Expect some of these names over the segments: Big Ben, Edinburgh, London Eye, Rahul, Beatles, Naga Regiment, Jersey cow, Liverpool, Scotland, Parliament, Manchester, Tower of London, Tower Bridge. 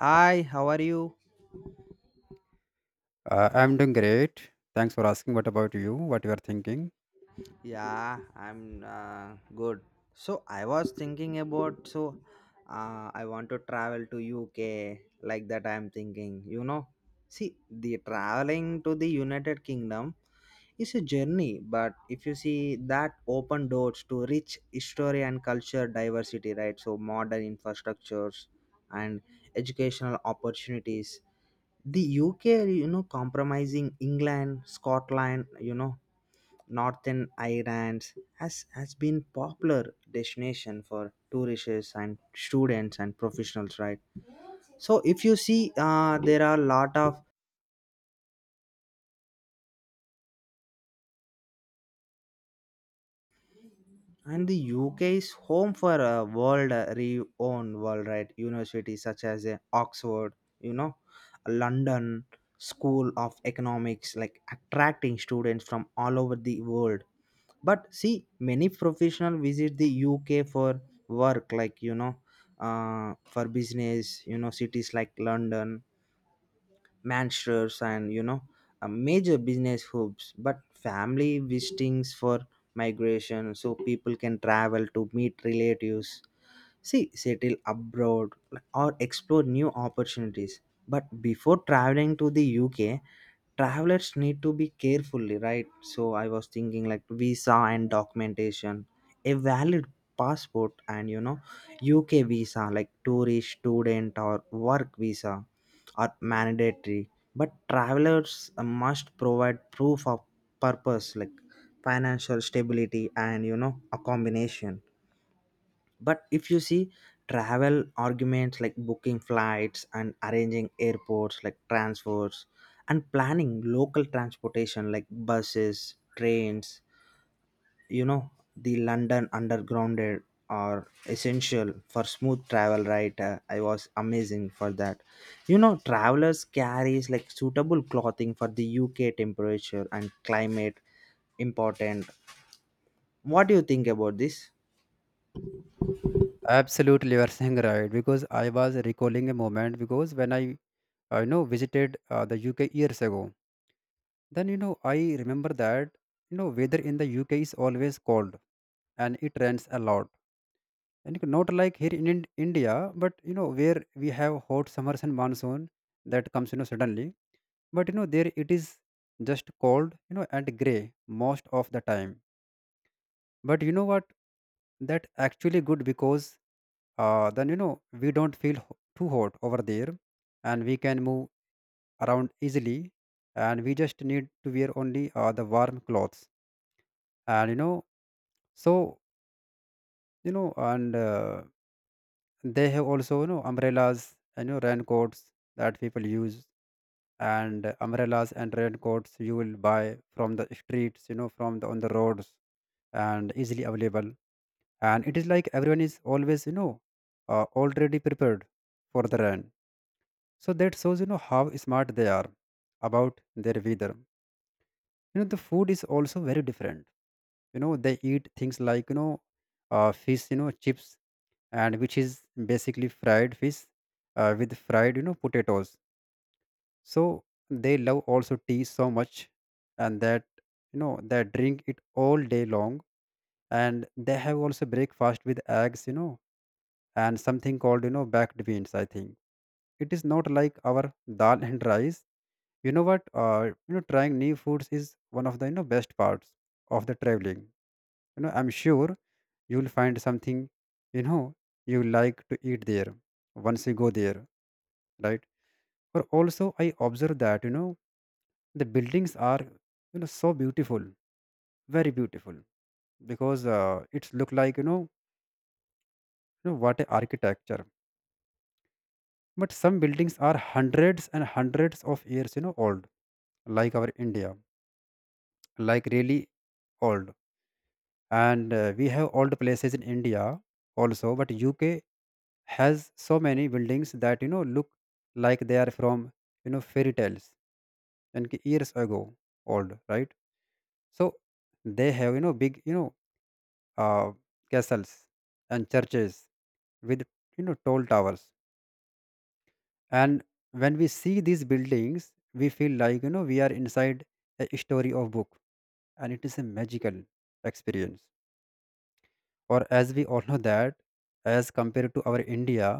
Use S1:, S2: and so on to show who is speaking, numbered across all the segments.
S1: Hi, how are you?
S2: I'm doing great. Thanks for asking. What about you? What you are thinking?
S1: Yeah, I'm good. So I was thinking about I want to travel to UK like that I'm thinking. See, the traveling to the United Kingdom is a journey, but if you see that open doors to rich history and culture diversity, right? So modern infrastructures and educational opportunities. The UK, compromising England, Scotland, Northern Ireland has been popular destination for tourists and students and professionals, right? So if you see, there are a lot of, and the UK is home for a world renowned world right universities such as Oxford, you know, London School of Economics, like attracting students from all over the world. But see many professional visit the UK for work like for business, cities like London, Manchester, and major business hubs. But family visitings for migration, so people can travel to meet relatives, see settle abroad, or explore new opportunities. But before traveling to the UK, travelers need to be carefully, right? So I was thinking like visa and documentation, a valid passport, and UK visa like tourist, student, or work visa are mandatory. But travelers must provide proof of purpose like financial stability and a combination. But if you see, travel arguments like booking flights and arranging airports like transfers, and planning local transportation like buses, trains, you know the London undergrounded are essential for smooth travel, right? I was amazing for that. Travelers carries like suitable clothing for the UK temperature and climate, important. What do you think about this?
S2: Absolutely, you are saying right. Because I was recalling a moment because when I, visited the UK years ago, then I remember that weather in the UK is always cold, and it rains a lot. And not like here in India, but where we have hot summers and monsoon that comes suddenly. But there it is just cold, and gray most of the time. But you know what, that actually good, because then we don't feel too hot over there, and we can move around easily, and we just need to wear only the warm clothes. And you know so you know and uh, they have also, umbrellas, and raincoats that people use. And umbrellas and raincoats you will buy from the streets, from the on the roads, and easily available. And it is like everyone is always already prepared for the rain. So that shows, how smart they are about their weather. The food is also very different. They eat things like, fish, chips, and which is basically fried fish with fried, potatoes. So they love also tea so much, and that, they drink it all day long. And they have also breakfast with eggs, and something called, baked beans, I think. It is not like our dal and rice. You know what you know Trying new foods is one of the best parts of the traveling. I'm sure you'll find something you know you like to eat there once you go there, right? Or also I observe that the buildings are, so beautiful, very beautiful, because it's look like, you know what a architecture. But some buildings are hundreds and hundreds of years, old, like our India, like really old. And we have old places in India also, but UK has so many buildings that look like they are from, fairy tales, and ki years ago old, right? So they have, big, uh, castles and churches with, tall towers. And when we see these buildings, we feel like, we are inside a story of book, and it is a magical experience. Or as we all know that, as compared to our India,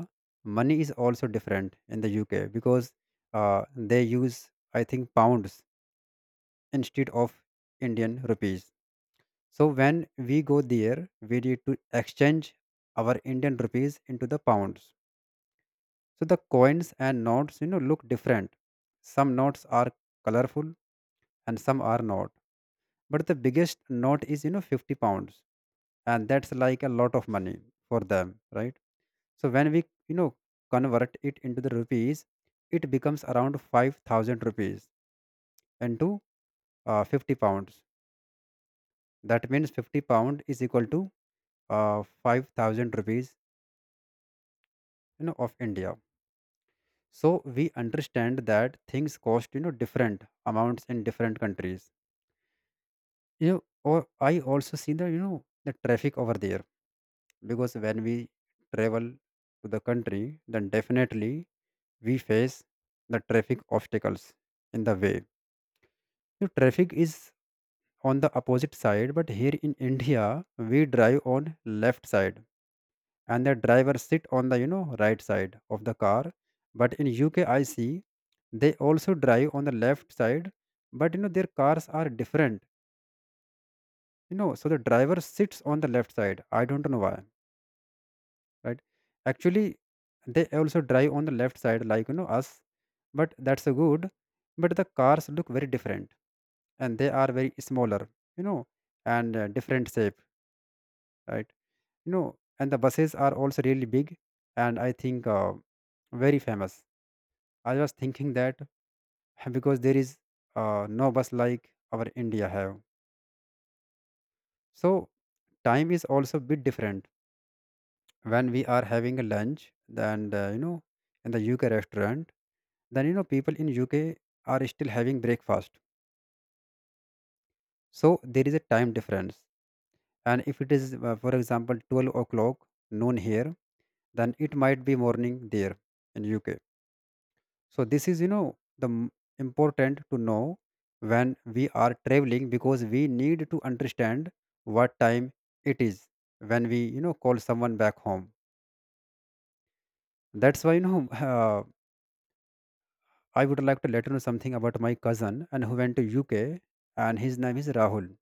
S2: money is also different in the UK, because they use, I think, pounds, instead of Indian rupees. So when we go there, we need to exchange our Indian rupees into the pounds. So the coins and notes, look different. Some notes are colorful, and some are not. But the biggest note is, 50 pounds. And that's like a lot of money for them, right? So when we, convert it into the rupees, it becomes around 5,000 rupees into 50 pounds. That means 50 pound is equal to 5,000 rupees, of India. So we understand that things cost, different amounts in different countries. Or I also see the, the traffic over there, because when we travel to the country, then definitely we face the traffic obstacles in the way. The traffic is on the opposite side, but here in India we drive on left side, and the driver sit on the right side of the car. But in UK I see they also drive on the left side, but their cars are different, so the driver sits on the left side. I don't know why, right? Actually, they also drive on the left side like, us. But that's a good. But the cars look very different, and they are very smaller, you know and different shape, right? you know and the buses are also really big. And I think, very famous. I was thinking that because there is no bus like our India have. So time is also a bit different. When we are having a lunch, then in the UK restaurant, then people in UK are still having breakfast. So there is a time difference, and if it is for example 12 o'clock noon here, then it might be morning there in UK. So this is, the important to know when we are traveling, because we need to understand what time it is when we, call someone back home. That's why, I would like to let you know something about my cousin and who went to UK, and his name is Rahul.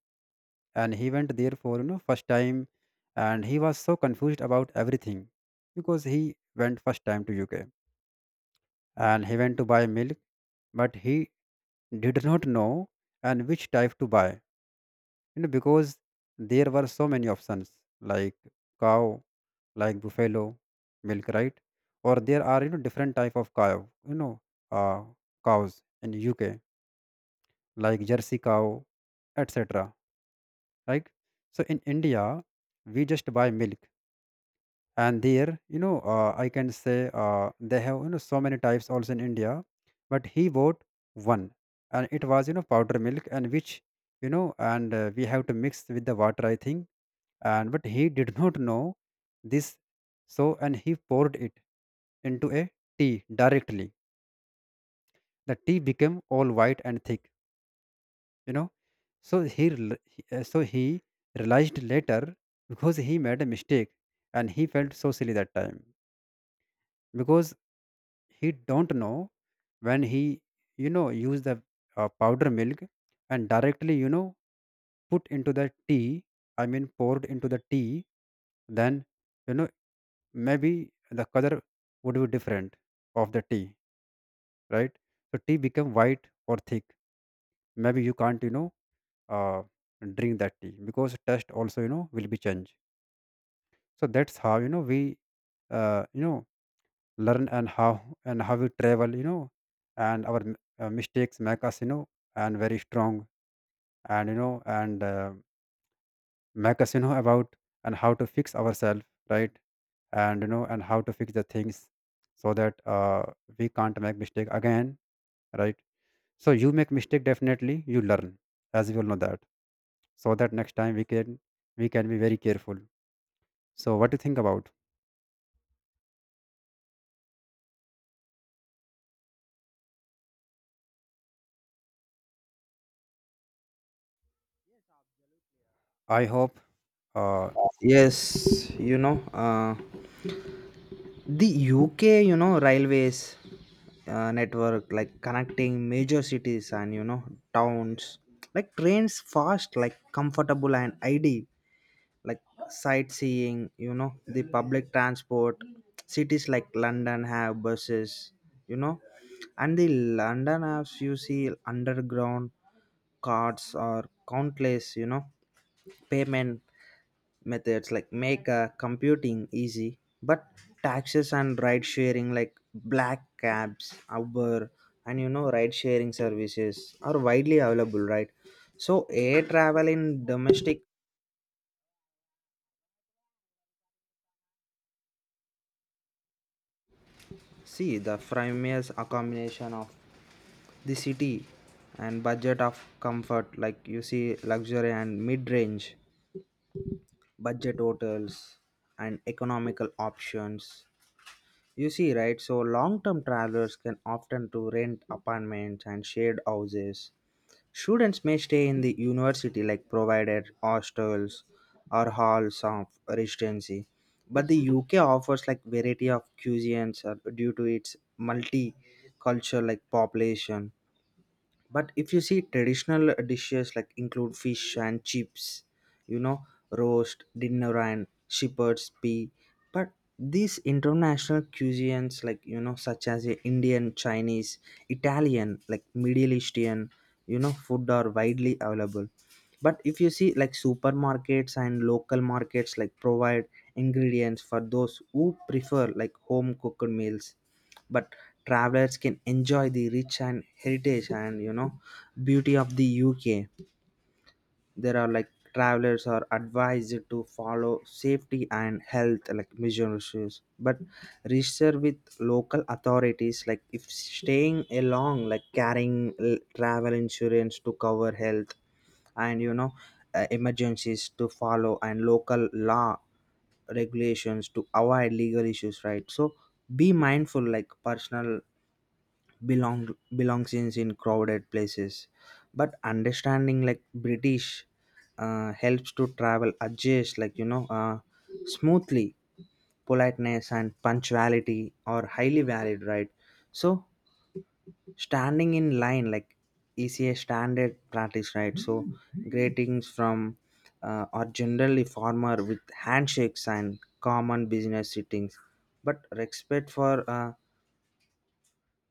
S2: And he went there for, first time, and he was so confused about everything, because he went first time to UK, and he went to buy milk, but he did not know and which type to buy, because there were so many options, like cow, like buffalo milk, right? Or there are, different type of cow, you know uh, cows in UK, like Jersey cow, etc. Right? So in India, we just buy milk, and there, I can say they have, so many types also in India, but he bought one, and it was, powder milk, and which, you know, and we have to mix with the water, I think. And but he did not know this. So and he poured it into a tea directly. The tea became all white and thick, you know so he so he realized later, because he made a mistake, and he felt so silly that time, because he don't know when he, use the powder milk, and directly, put into the tea. I mean, poured into the tea. Then, you know maybe the color would be different of the tea, right? So tea become white or thick. Maybe you can't, uh, drink that tea because taste also, will be changed. So that's how, we uh, you know learn. And how, and how we travel, and our mistakes make us, and very strong. And make us, about and how to fix ourselves, right? And and how to fix the things, so that we can't make mistake again, right? So you make mistake, definitely you learn, as we all know that. So that next time we can, we can be very careful. So what do you think about? I hope, uh,
S1: Yes, the UK, railways network like connecting major cities and towns, like trains fast, like comfortable and ID, like sightseeing. The public transport. Cities like London have buses. You know, and the London apps you see underground cards are countless. Payment methods like make computing easy, but taxes and ride sharing like black cabs, Uber, and ride sharing services are widely available, right? So air travel in domestic, see the famous accommodation of the city and budget of comfort like you see luxury and mid-range budget hotels and economical options. You see, right? So long-term travelers can often to rent apartments and shared houses. Students may stay in the university like provided hostels or halls of residency. But the UK offers like variety of cuisines due to its multicultural like population. But if you see traditional dishes like include fish and chips, you know roast dinner and shepherd's pie. But these international cuisines like such as the Indian, Chinese, Italian, like Middle Eastern food are widely available. But if you see like supermarkets and local markets like provide ingredients for those who prefer like home cooked meals. But travelers can enjoy the rich and heritage and beauty of the UK. There are like travelers are advised to follow safety and health like measures, but register with local authorities, like if staying along, like carrying travel insurance to cover health and emergencies, to follow and local law regulations to avoid legal issues, right? So be mindful like personal belongs in crowded places. But understanding like British helps to travel adjust like smoothly. Politeness and punctuality are highly valued, right? So standing in line like is a standard practice, right? So greetings from are generally formal with handshakes and common business settings, but respect for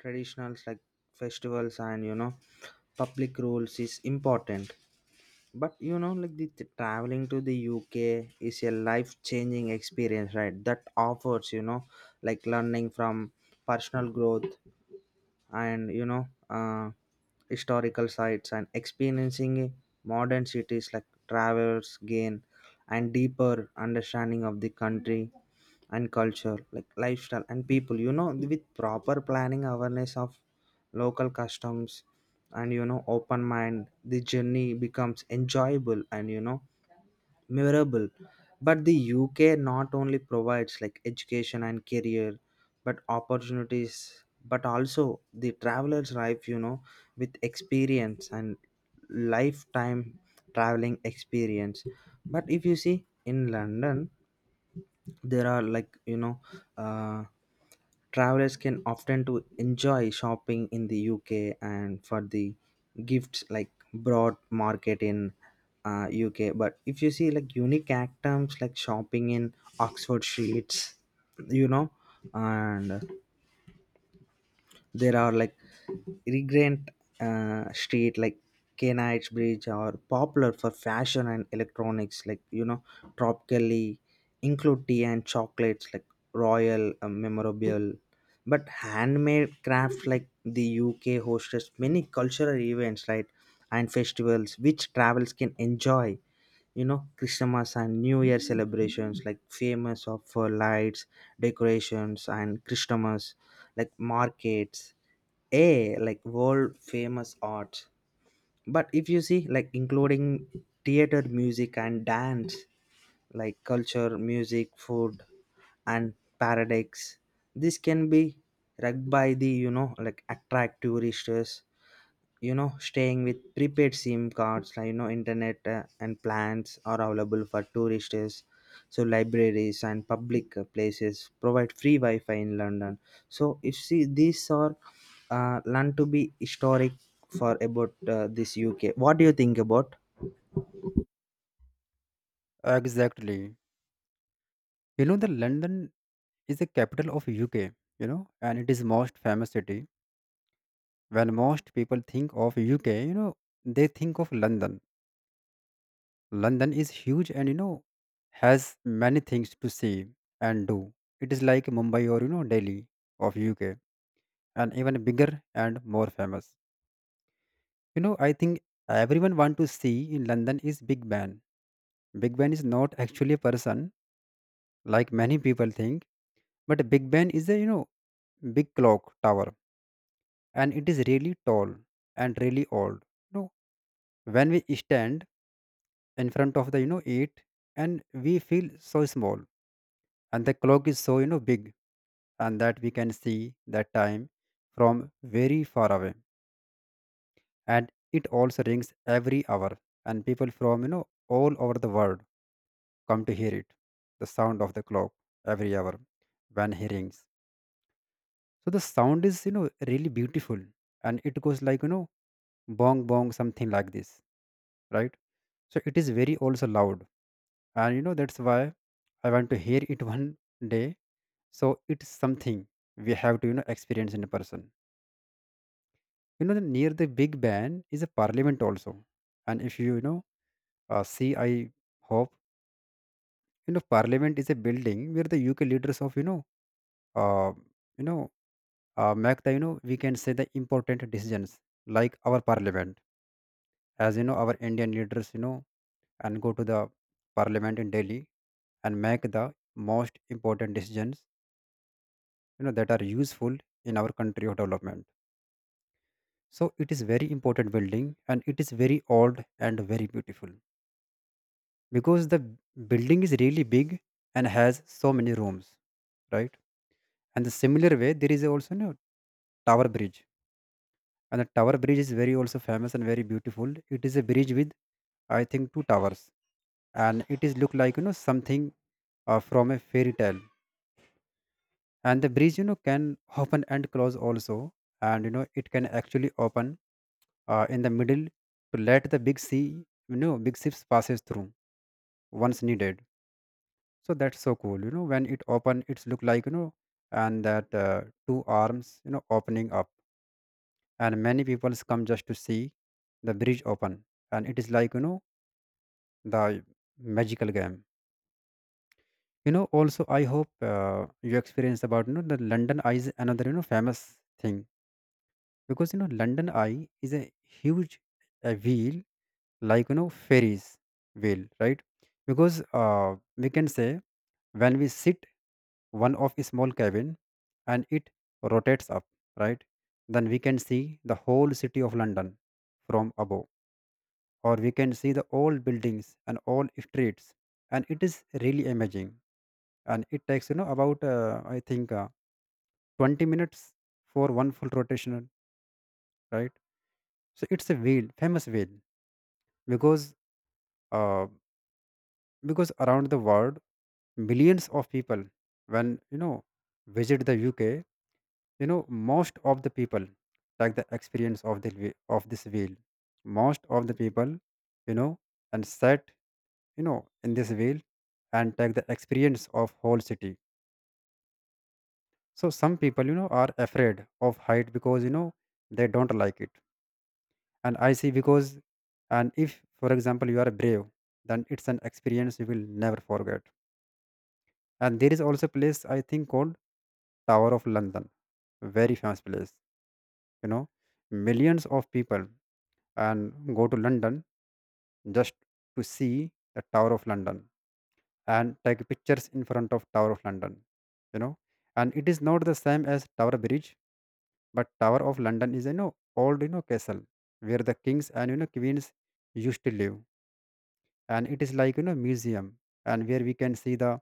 S1: traditionals like festivals and public rules is important. But like the traveling to the UK is a life changing experience, right, that offers like learning from personal growth and historical sites, and experiencing modern cities like travelers gain and deeper understanding of the country and culture like lifestyle and people, with proper planning, awareness of local customs and open mind, the journey becomes enjoyable and memorable. But the UK not only provides like education and career but opportunities, but also the traveler's life, with experience and lifetime traveling experience. But if you see in London there are like uh, travelers can often to enjoy shopping in the UK, and for the gifts like broad market in UK. But if you see like unique items like shopping in Oxford Streets, you know and there are like Regent Street, like Canites Bridge are popular for fashion and electronics, like tropically include tea and chocolates, like royal memorable, but handmade crafts like the UK hosts many cultural events, right, and festivals which travels can enjoy. Christmas and New Year celebrations like famous of for lights, decorations, and Christmas like markets, a like world famous art, but if you see like including theater, music, and dance, like culture, music, food, and paradise. This can be rugged by the, like, attract tourists. Staying with prepaid SIM cards like internet and plans are available for tourists. So libraries and public places provide free Wi-Fi in London. So if see, these are learn to be historic for about this UK. What do you think about?
S2: exactly. You know the London is the capital of UK, and it is most famous city. When most people think of UK, they think of London. London is huge, and has many things to see and do. It is like Mumbai or, Delhi of UK, and even bigger and more famous. I think everyone want to see in London is Big Ben. Big Ben is not actually a person like many people think. But Big Ben is a, big clock tower, and it is really tall and really old. You know, when we stand in front of the, it, and we feel so small, and the clock is so, big, and that we can see that time from very far away, and it also rings every hour, and people from, all over the world come to hear it, the sound of the clock every hour when he rings. So the sound is really beautiful, and it goes like bong bong something like this, right. So it is very also loud, and that's why I want to hear it one day. So it's something we have to experience in a person. The, near the big band is a parliament also. And if you you know see, I hope parliament is a building where the UK leaders of uh, you know make the, we can say, the important decisions, like our parliament. As you know, our Indian leaders, and go to the parliament in Delhi and make the most important decisions, that are useful in our country or development. So it is very important building, and it is very old and very beautiful because the building is really big and has so many rooms, right. And the similar way there is also no Tower Bridge. And the Tower Bridge is very also famous and very beautiful. It is a bridge with, I think, two towers. And it is look like something, from a fairy tale. And the breeze can open and close also. And it can actually open in the middle, to let the big sea, big ships passes through once needed. So that's so cool, when it open it's look like, and that two arms opening up. And many people come just to see the bridge open. And it is like the magical game. Also I hope, you experience about, the London Eye is another famous thing. Because London Eye is a huge wheel, like Ferris wheel, right. Because we can say, when we sit one of a small cabin and it rotates up, right, then we can see the whole city of London from above, or we can see the old buildings and all streets, and it is really amazing. And it takes about I think, 20 minutes for one full rotation, right. So it's a wheel, famous wheel, because uh, because around the world millions of people, when visit the UK, most of the people like the experience of of this wheel. Most of the people, you know and sat in this wheel, and take the experience of whole city. So some people are afraid of height because they don't like it, and I see because. And if for example you are brave, then it's an experience you will never forget. And there is also a place, I think, called Tower of London, very famous place. You know, millions of people and go to London just to see the Tower of London and take pictures in front of Tower of London. You know, and it is not the same as Tower Bridge, but Tower of London is old, castle where the kings and, queens used to live, and it is like museum, and where we can see the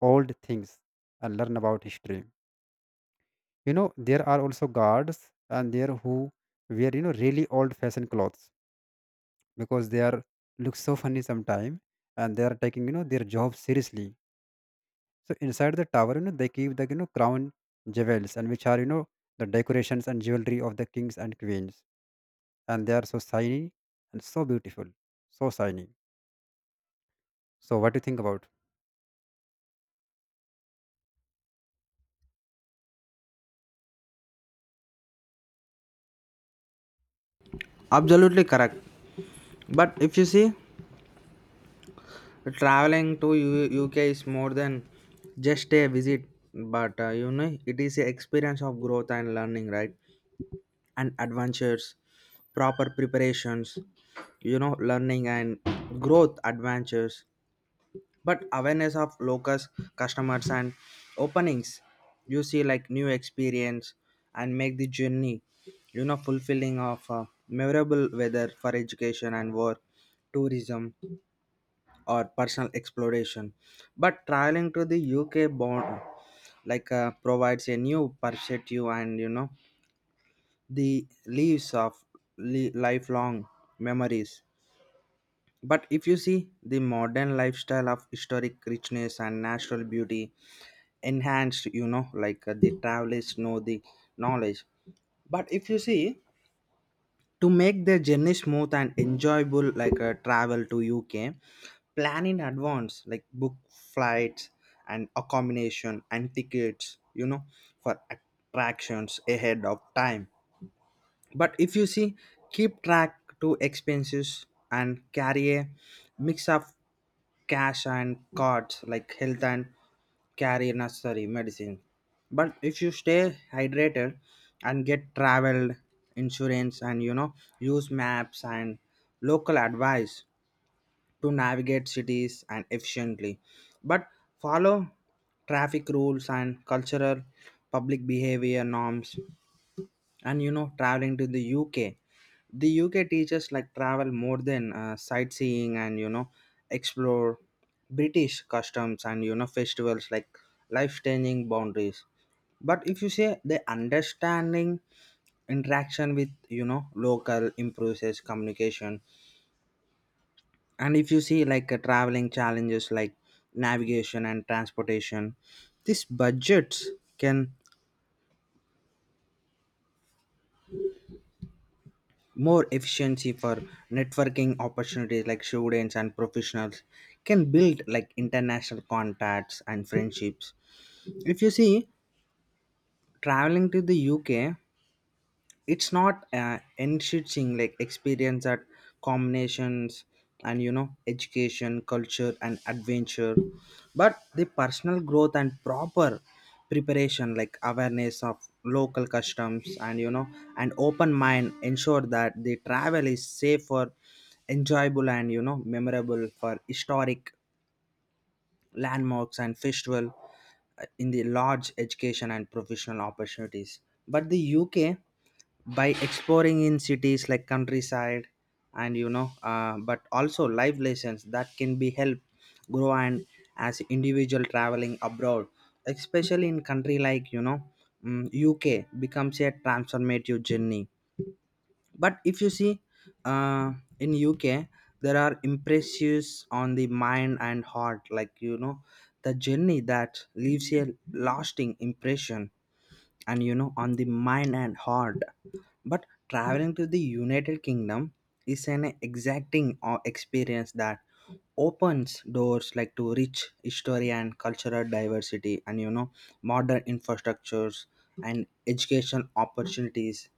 S2: old things and learn about history. There are also guards and there who wear really old fashioned clothes, because they are look so funny sometime, and they are taking their job seriously. So inside the tower, they keep the, crown jewels, and which are, the decorations and jewelry of the kings and queens, and they are so shiny and so beautiful, so shiny. So what do you think about?
S1: Absolutely correct. But if you see, traveling to UK is more than just a visit, but it is a experience of growth and learning, right, and adventures, proper preparations, learning and growth adventures. But awareness of locals, customers, and openings, you see, like new experience and make the journey, fulfilling of memorable weather for education and work tourism or personal exploration. But traveling to the UK bond like provides a new perspective, and the leaves of lifelong memories. But if you see the modern lifestyle of historic richness and natural beauty enhanced, like the travelers know the knowledge. But if you see, to make the journey smooth and enjoyable, like travel to UK, plan in advance, like book flights and accommodation and tickets, for attractions ahead of time. But if you see, keep track to expenses and carry a mix of cash and cards, like health, and carry necessary medicine. But if you stay hydrated and get travel insurance and use maps and local advice to navigate cities and efficiently. But follow traffic rules and cultural public behavior norms, and traveling to the UK. The UK teaches like travel more than sightseeing, and explore British customs and festivals like life changing boundaries. But if you say the understanding interaction with local improves communication. And if you see, like traveling challenges like navigation and transportation, these budgets can more efficiency for networking opportunities, like students and professionals can build like international contacts and friendships. If you see traveling to the UK, it's not enriching like experience at combinations and education, culture, and adventure. But the personal growth and proper preparation, like awareness of local customs and an open mind, ensure that the travel is safer, enjoyable, and memorable for historic landmarks and festival in the large education and professional opportunities. But the UK, by exploring in cities like countryside and but also life lessons that can be helped grow and as individual traveling abroad, especially in country like UK, becomes a transformative journey. But if you see, uh, in UK there are impressions on the mind and heart like the journey that leaves a lasting impression and on the mind and heart. But traveling to the United Kingdom is an exacting experience that opens doors like to rich history and cultural diversity and modern infrastructures and education opportunities.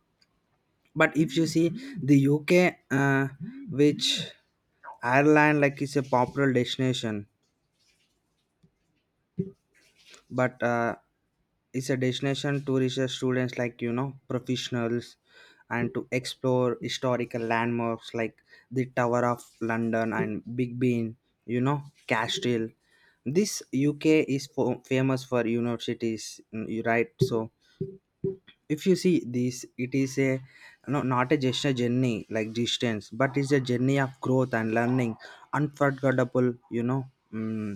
S1: But if you see the UK, uh, which Ireland like is a popular destination, but it's a destination to research students like professionals and to explore historical landmarks like the Tower of London and Big Ben, castile. This UK is for, famous for universities, you right? So if you see this, it is a no, not a just a journey like distance, but it's a journey of growth and learning, unforgettable. Mm,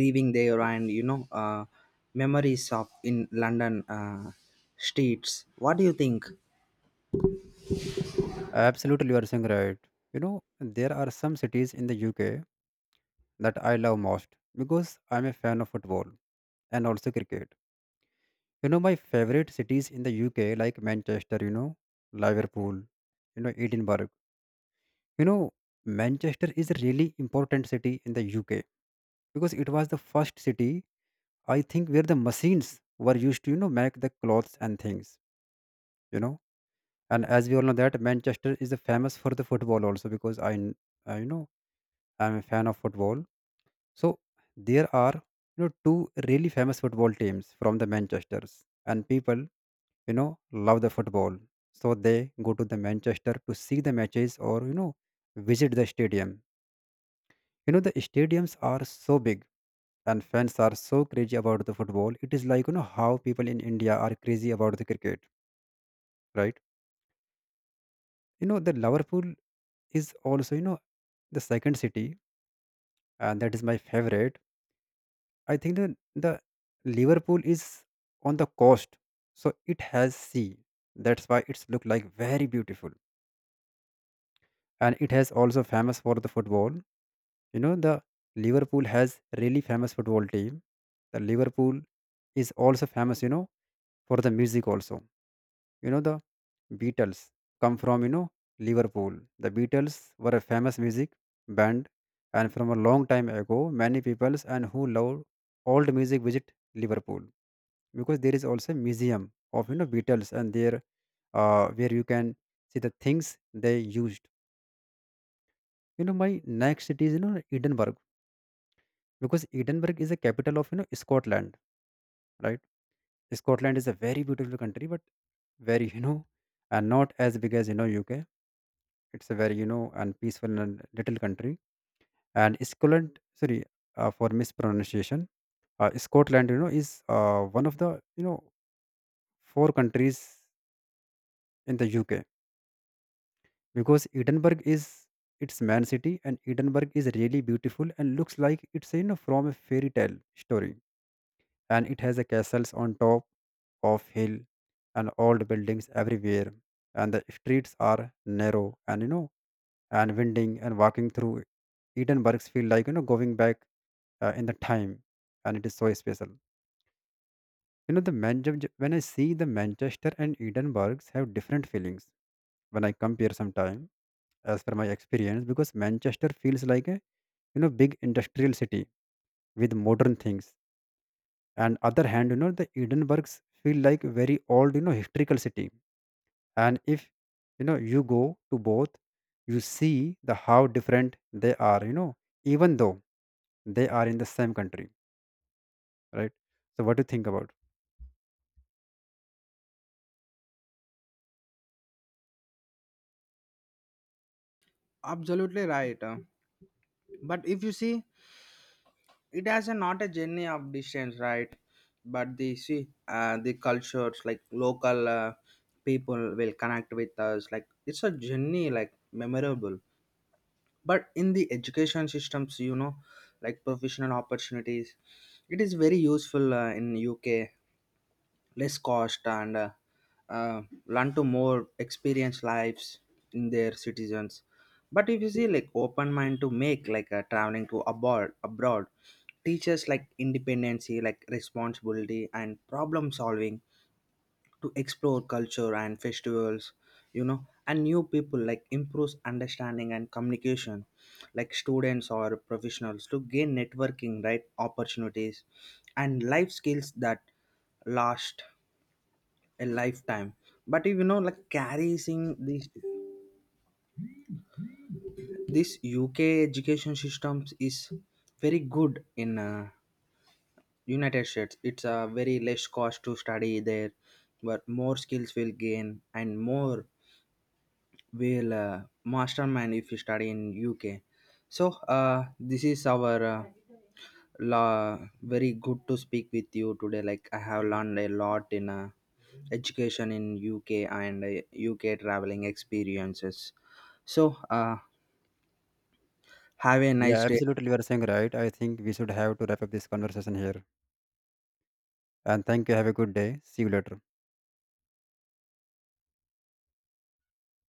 S1: Leaving there and memories of in London streets. What do you think?
S2: Absolutely, you are saying right. you know there are some cities in the UK that I love most, because I'm a fan of football and also cricket. My favorite cities in the UK, like Manchester, Liverpool, Edinburgh. you know Manchester is a really important city in the UK, because it was the first city, I think, where the machines were used to make the clothes and things. you know and as we all know that Manchester is famous for the football also, because I kn- you know I'm a fan of football. So there are, two really famous football teams from the Manchesters, and people you know love the football. So they go to the Manchester to see the matches, or visit the stadium. The stadiums are so big, and fans are so crazy about the football. It is like how people in India are crazy about the cricket, right. The Liverpool is also, the second city, and that is my favorite. I think the Liverpool is on the coast, so it has sea, that's why it's look like very beautiful. And it has also famous for the football. You know, the Liverpool has really famous football team. The Liverpool is also famous, for the music also. The Beatles come from, Liverpool. The Beatles were a famous music band, and from a long time ago, many peoples and who love old music visit Liverpool, because there is also a museum of, Beatles, and there where you can see the things they used. My next city is, Edinburgh, because Edinburgh is a capital of Scotland, right. Scotland is a very beautiful country, but very and not as big as UK. It's a very and peaceful and little country. And Scotland, sorry for mispronunciation. Scotland, is one of the, you know 4 countries in the UK. Because Edinburgh is its main city, and Edinburgh is really beautiful and looks like it's, from a fairy tale story. And it has a castles on top of hill, and old buildings everywhere, and the streets are narrow and, and winding, and walking through Edinburghs feel like, going back in the time, and it is so special. The Man- j- j- when I see the Manchester and Edinburghs have different feelings, when I compare sometime, as per my experience, because Manchester feels like a, big industrial city with modern things. And other hand, the Edinburghs feel like very old, historical city. And if you go to both, you see the how different they are, even though they are in the same country, right. So what do you think about?
S1: Absolutely right. But if you see, it has a not a journey of distance, right? But the see the cultures like local people will connect with us like it's a journey like memorable. But in the education systems, like professional opportunities, it is very useful in UK, less cost, and learn to more experienced lives in their citizens. But if you see like open mind to make like traveling to abroad teaches like independency, like responsibility and problem solving, to explore culture and festivals, you know and new people, like improves understanding and communication, like students or professionals to gain networking right opportunities and life skills that last a lifetime. But if you know like carrying this UK education systems is very good in United States, it's a very less cost to study there, but more skills will gain and more well mastermind if you study in UK. So this is our very good to speak with you today. Like I have learned a lot in education in UK and UK traveling experiences. So have a
S2: Yeah,
S1: nice day.
S2: absolutely, you are saying right. I think we should have to wrap up this conversation here. And thank you, have a good day, see you later.